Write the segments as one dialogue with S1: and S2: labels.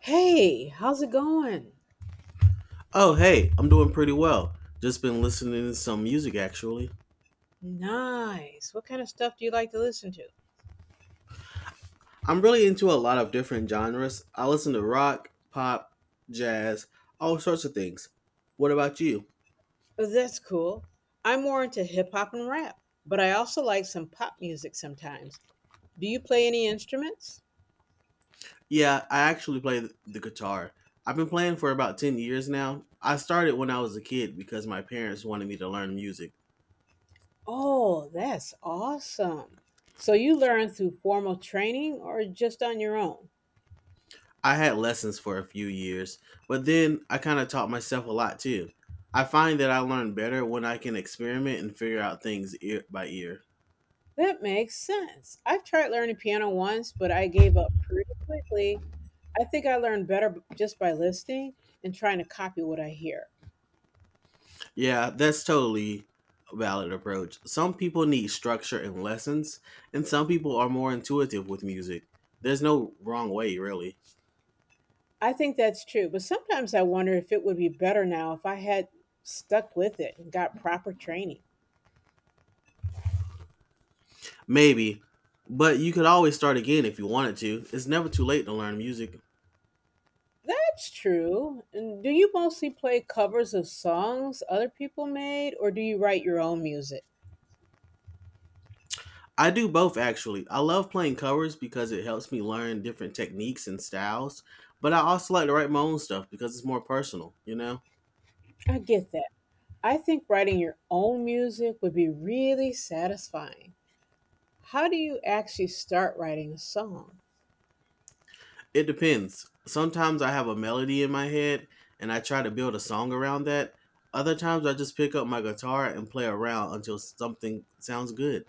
S1: Hey, how's it going?
S2: Oh, hey, I'm doing pretty well. Just been listening to some music actually.
S1: Nice. What kind of stuff do you like to listen to?
S2: I'm really into a lot of different genres. I listen to rock, pop, jazz, all sorts of things. What about you?
S1: Oh, that's cool. I'm more into hip hop and rap, but I also like some pop music sometimes. Do you play any instruments?
S2: Yeah, I actually play the guitar. I've been playing for about 10 years now. I started when I was a kid because my parents wanted me to learn music.
S1: Oh, that's awesome. So you learn through formal training or just on your own?
S2: I had lessons for a few years, but then I kind of taught myself a lot too. I find that I learn better when I can experiment and figure out things ear by ear.
S1: That makes sense. I've tried learning piano once, but I gave up pretty quickly. I think I learn better just by listening and trying to copy what I hear.
S2: Yeah, that's totally a valid approach. Some people need structure and lessons, and some people are more intuitive with music. There's no wrong way, really.
S1: I think that's true, but sometimes I wonder if it would be better now if I had stuck with it and got proper training.
S2: Maybe, but you could always start again if you wanted to. It's never too late to learn music.
S1: That's true. And do you mostly play covers of songs other people made, or do you write your own music?
S2: I do both actually. I love playing covers because it helps me learn different techniques and styles. But I also like to write my own stuff because it's more personal, you know.
S1: I get that. I think writing your own music would be really satisfying. How do you actually start writing a song?
S2: It depends. Sometimes I have a melody in my head and I try to build a song around that. Other times I just pick up my guitar and play around until something sounds good.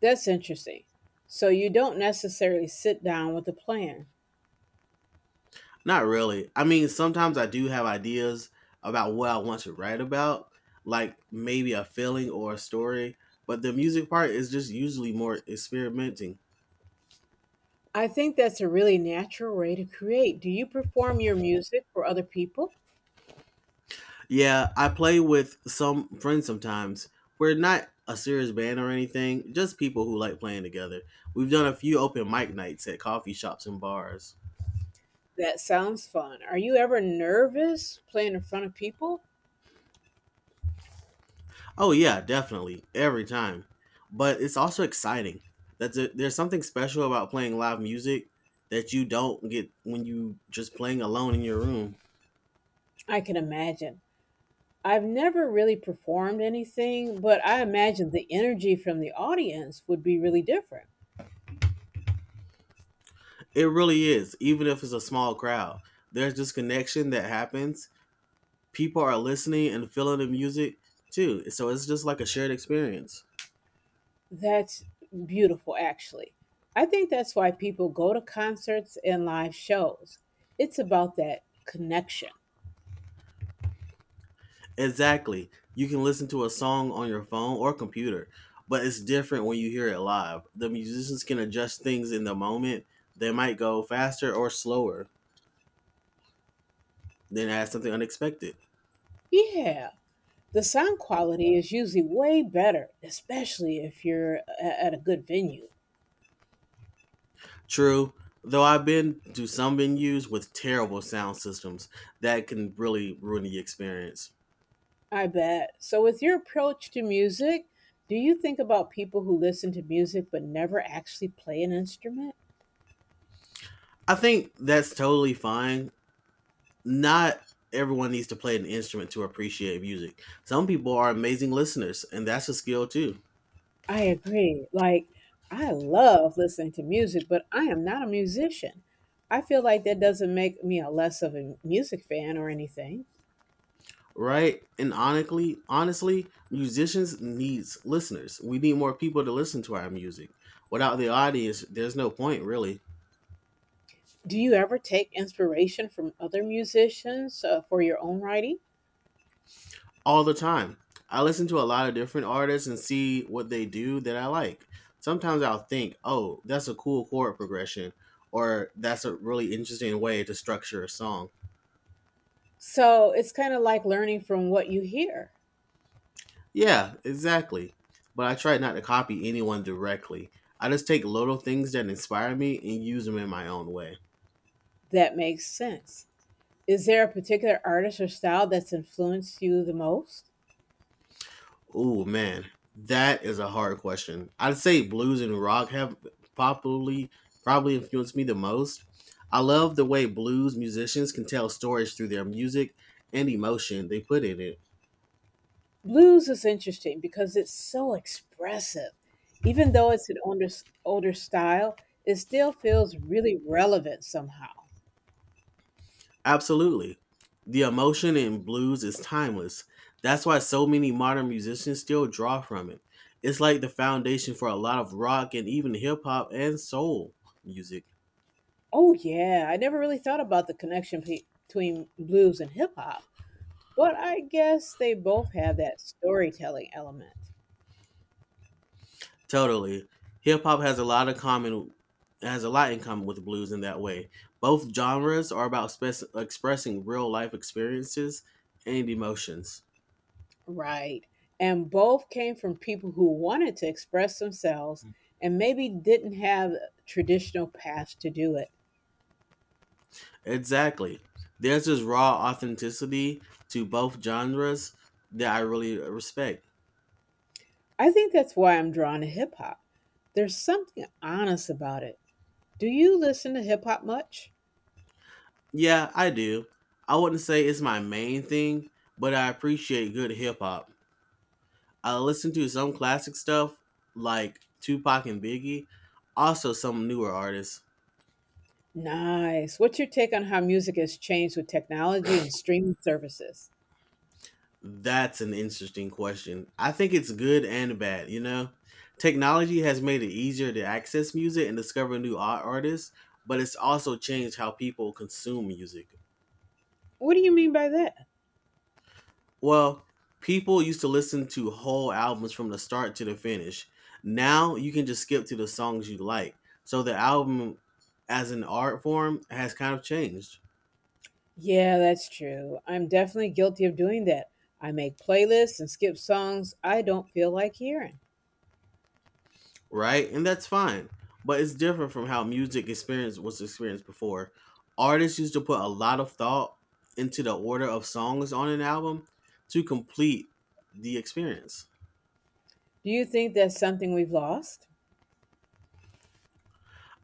S1: That's interesting. So you don't necessarily sit down with a plan.
S2: Not really. I mean, sometimes I do have ideas about what I want to write about, like maybe a feeling or a story, but the music part is just usually more experimenting.
S1: I think that's a really natural way to create. Do you perform your music for other people?
S2: Yeah, I play with some friends sometimes. We're not a serious band or anything, just people who like playing together. We've done a few open mic nights at coffee shops and bars.
S1: That sounds fun. Are you ever nervous playing in front of people?
S2: Oh, yeah, definitely. Every time. But it's also exciting. There's something special about playing live music that you don't get when you just playing alone in your room.
S1: I can imagine. I've never really performed anything, but I imagine the energy from the audience would be really different.
S2: It really is, even if it's a small crowd. There's this connection that happens, people are listening and feeling the music too. So it's just like a shared experience.
S1: That's beautiful, actually. I think that's why people go to concerts and live shows. It's about that connection.
S2: Exactly. You can listen to a song on your phone or computer, but it's different when you hear it live. The musicians can adjust things in the moment. They might go faster or slower, then add something unexpected.
S1: Yeah, the sound quality is usually way better, especially if you're at a good venue.
S2: True, though I've been to some venues with terrible sound systems that can really ruin the experience.
S1: I bet. So, with your approach to music, do you think about people who listen to music but never actually play an instrument?
S2: I think that's totally fine, not everyone needs to play an instrument to appreciate music. Some people are amazing listeners, and that's a skill too,
S1: I agree. Like, I love listening to music, but I am not a musician. I feel like that doesn't make me a less of a music fan or anything.
S2: right? And honestly, musicians needs listeners. We need more people to listen to our music. Without the audience, there's no point really.
S1: Do you ever take inspiration from other musicians for your own writing?
S2: All the time, I listen to a lot of different artists and see what they do that I like. Sometimes I'll think, "Oh, that's a cool chord progression." Or that's a really interesting way to structure a song.
S1: So it's kind of like learning from what you hear.
S2: Yeah, exactly. But I try not to copy anyone directly. I just take little things that inspire me and use them in my own way.
S1: That makes sense. Is there a particular artist or style that's influenced you the most?
S2: Ooh, man, that is a hard question. I'd say blues and rock have popularly probably influenced me the most. I love the way blues musicians can tell stories through their music and emotion they put in it.
S1: Blues is interesting because it's so expressive. Even though it's an older style, it still feels really relevant somehow.
S2: Absolutely. The emotion in blues is timeless. That's why so many modern musicians still draw from it. It's like the foundation for a lot of rock and even hip hop and soul music.
S1: Oh, yeah, I never really thought about the connection between blues and hip hop, but I guess they both have that storytelling element.
S2: Totally. Hip hop has a lot of common has a lot in common with blues in that way. Both genres are about expressing real life experiences and emotions.
S1: Right. And both came from people who wanted to express themselves and maybe didn't have traditional paths to do it.
S2: Exactly. There's this raw authenticity to both genres that I really respect.
S1: I think that's why I'm drawn to hip hop. There's something honest about it. Do you listen to hip hop much?
S2: Yeah, I do. I wouldn't say it's my main thing, but I appreciate good hip hop. I listen to some classic stuff like Tupac and Biggie, also some newer artists.
S1: Nice. What's your take on how music has changed with technology and streaming services?
S2: That's an interesting question. I think it's good and bad, you know? Technology has made it easier to access music and discover new art artists, but it's also changed how people consume music.
S1: What do you mean by that?
S2: Well, people used to listen to whole albums from the start to the finish. Now you can just skip to the songs you like. So the album as an art form has kind of changed,
S1: Yeah, that's true. I'm definitely guilty of doing that. I make playlists and skip songs I don't feel like hearing.
S2: right? And that's fine. But it's different from how music experience was experienced before. Artists used to put a lot of thought into the order of songs on an album to complete the experience.
S1: Do you think that's something we've lost?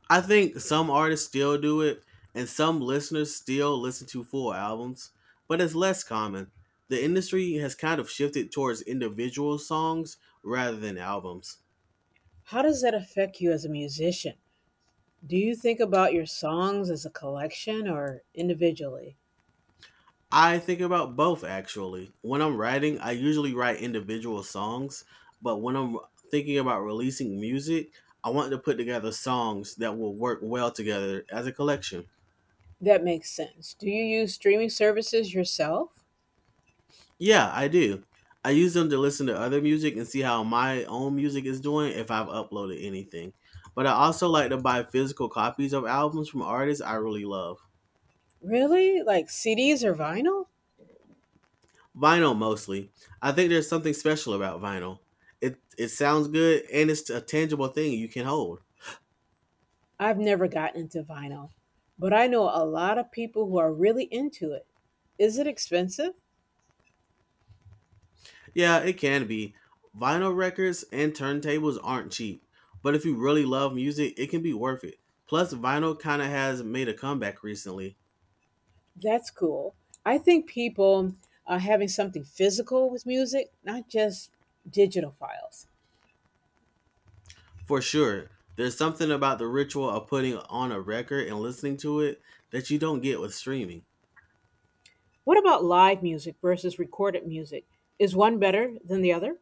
S2: I think some artists still do it, and some listeners still listen to full albums, but it's less common. The industry has kind of shifted towards individual songs rather than albums.
S1: How does that affect you as a musician? Do you think about your songs as a collection or individually?
S2: I think about both actually. When I'm writing, I usually write individual songs, but when I'm thinking about releasing music, I want to put together songs that will work well together as a collection.
S1: That makes sense. Do you use streaming services yourself?
S2: Yeah, I do. I use them to listen to other music and see how my own music is doing if I've uploaded anything. But I also like to buy physical copies of albums from artists I really love.
S1: Really? Like CDs or vinyl?
S2: Vinyl mostly. I think there's something special about vinyl. It sounds good and it's a tangible thing you can hold.
S1: I've never gotten into vinyl, but I know a lot of people who are really into it. Is it expensive?
S2: Yeah, it can be. Vinyl records and turntables aren't cheap, but if you really love music, it can be worth it. Plus, vinyl kind of has made a comeback recently.
S1: That's cool. I think people are having something physical with music, not just digital files.
S2: For sure. There's something about the ritual of putting on a record and listening to it that you don't get with streaming.
S1: What about live music versus recorded music? Is one better than the other?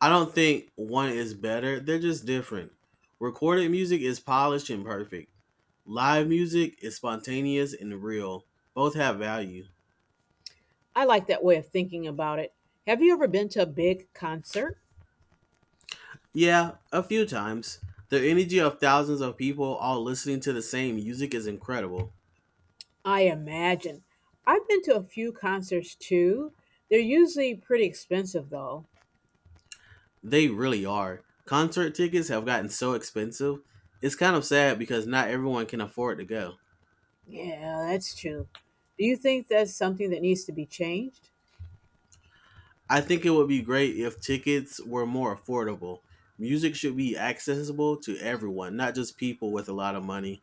S2: I don't think one is better, they're just different. Recorded music is polished and perfect. Live music is spontaneous and real. Both have value.
S1: I like that way of thinking about it. Have you ever been to a big concert?
S2: Yeah, a few times. The energy of thousands of people all listening to the same music is incredible.
S1: I imagine. I've been to a few concerts too. They're usually pretty expensive though.
S2: They really are. Concert tickets have gotten so expensive. It's kind of sad because not everyone can afford to go.
S1: Yeah, that's true. Do you think that's something that needs to be changed?
S2: I think it would be great if tickets were more affordable. Music should be accessible to everyone, not just people with a lot of money.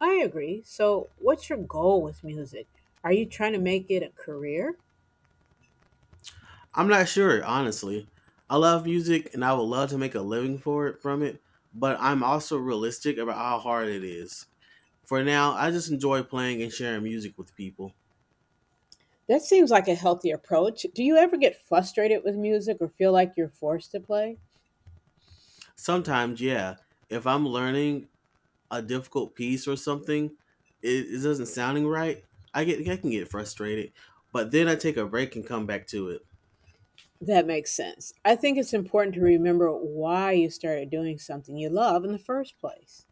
S1: I agree. So, what's your goal with music? Are you trying to make it a career?
S2: I'm not sure, honestly. I love music and I would love to make a living for it from it, but I'm also realistic about how hard it is. For now, I just enjoy playing and sharing music with people.
S1: That seems like a healthy approach. Do you ever get frustrated with music or feel like you're forced to play?
S2: Sometimes, yeah, if I'm learning a difficult piece or something, it doesn't sounding right, I can get frustrated, but then I take a break and come back to it.
S1: That makes sense. I think it's important to remember why you started doing something you love in the first place.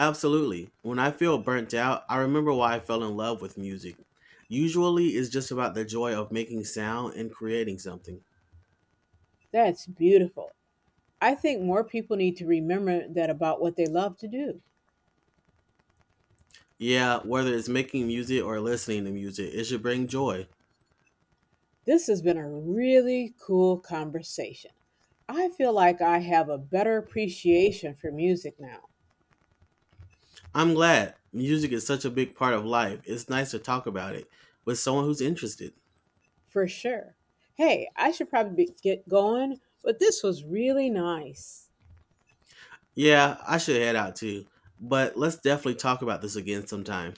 S2: Absolutely. When I feel burnt out, I remember why I fell in love with music. Usually, it's just about the joy of making sound and creating something.
S1: That's beautiful. I think more people need to remember that about what they love to do.
S2: Yeah, whether it's making music or listening to music, it should bring joy.
S1: This has been a really cool conversation. I feel like I have a better appreciation for music now,
S2: I'm glad. Music is such a big part of life. It's nice to talk about it with someone who's interested.
S1: for sure. Hey, I should probably get going, but this was really nice.
S2: Yeah, I should head out too. But let's definitely talk about this again sometime.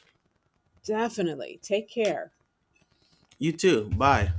S1: Definitely. Take care.
S2: You too. Bye.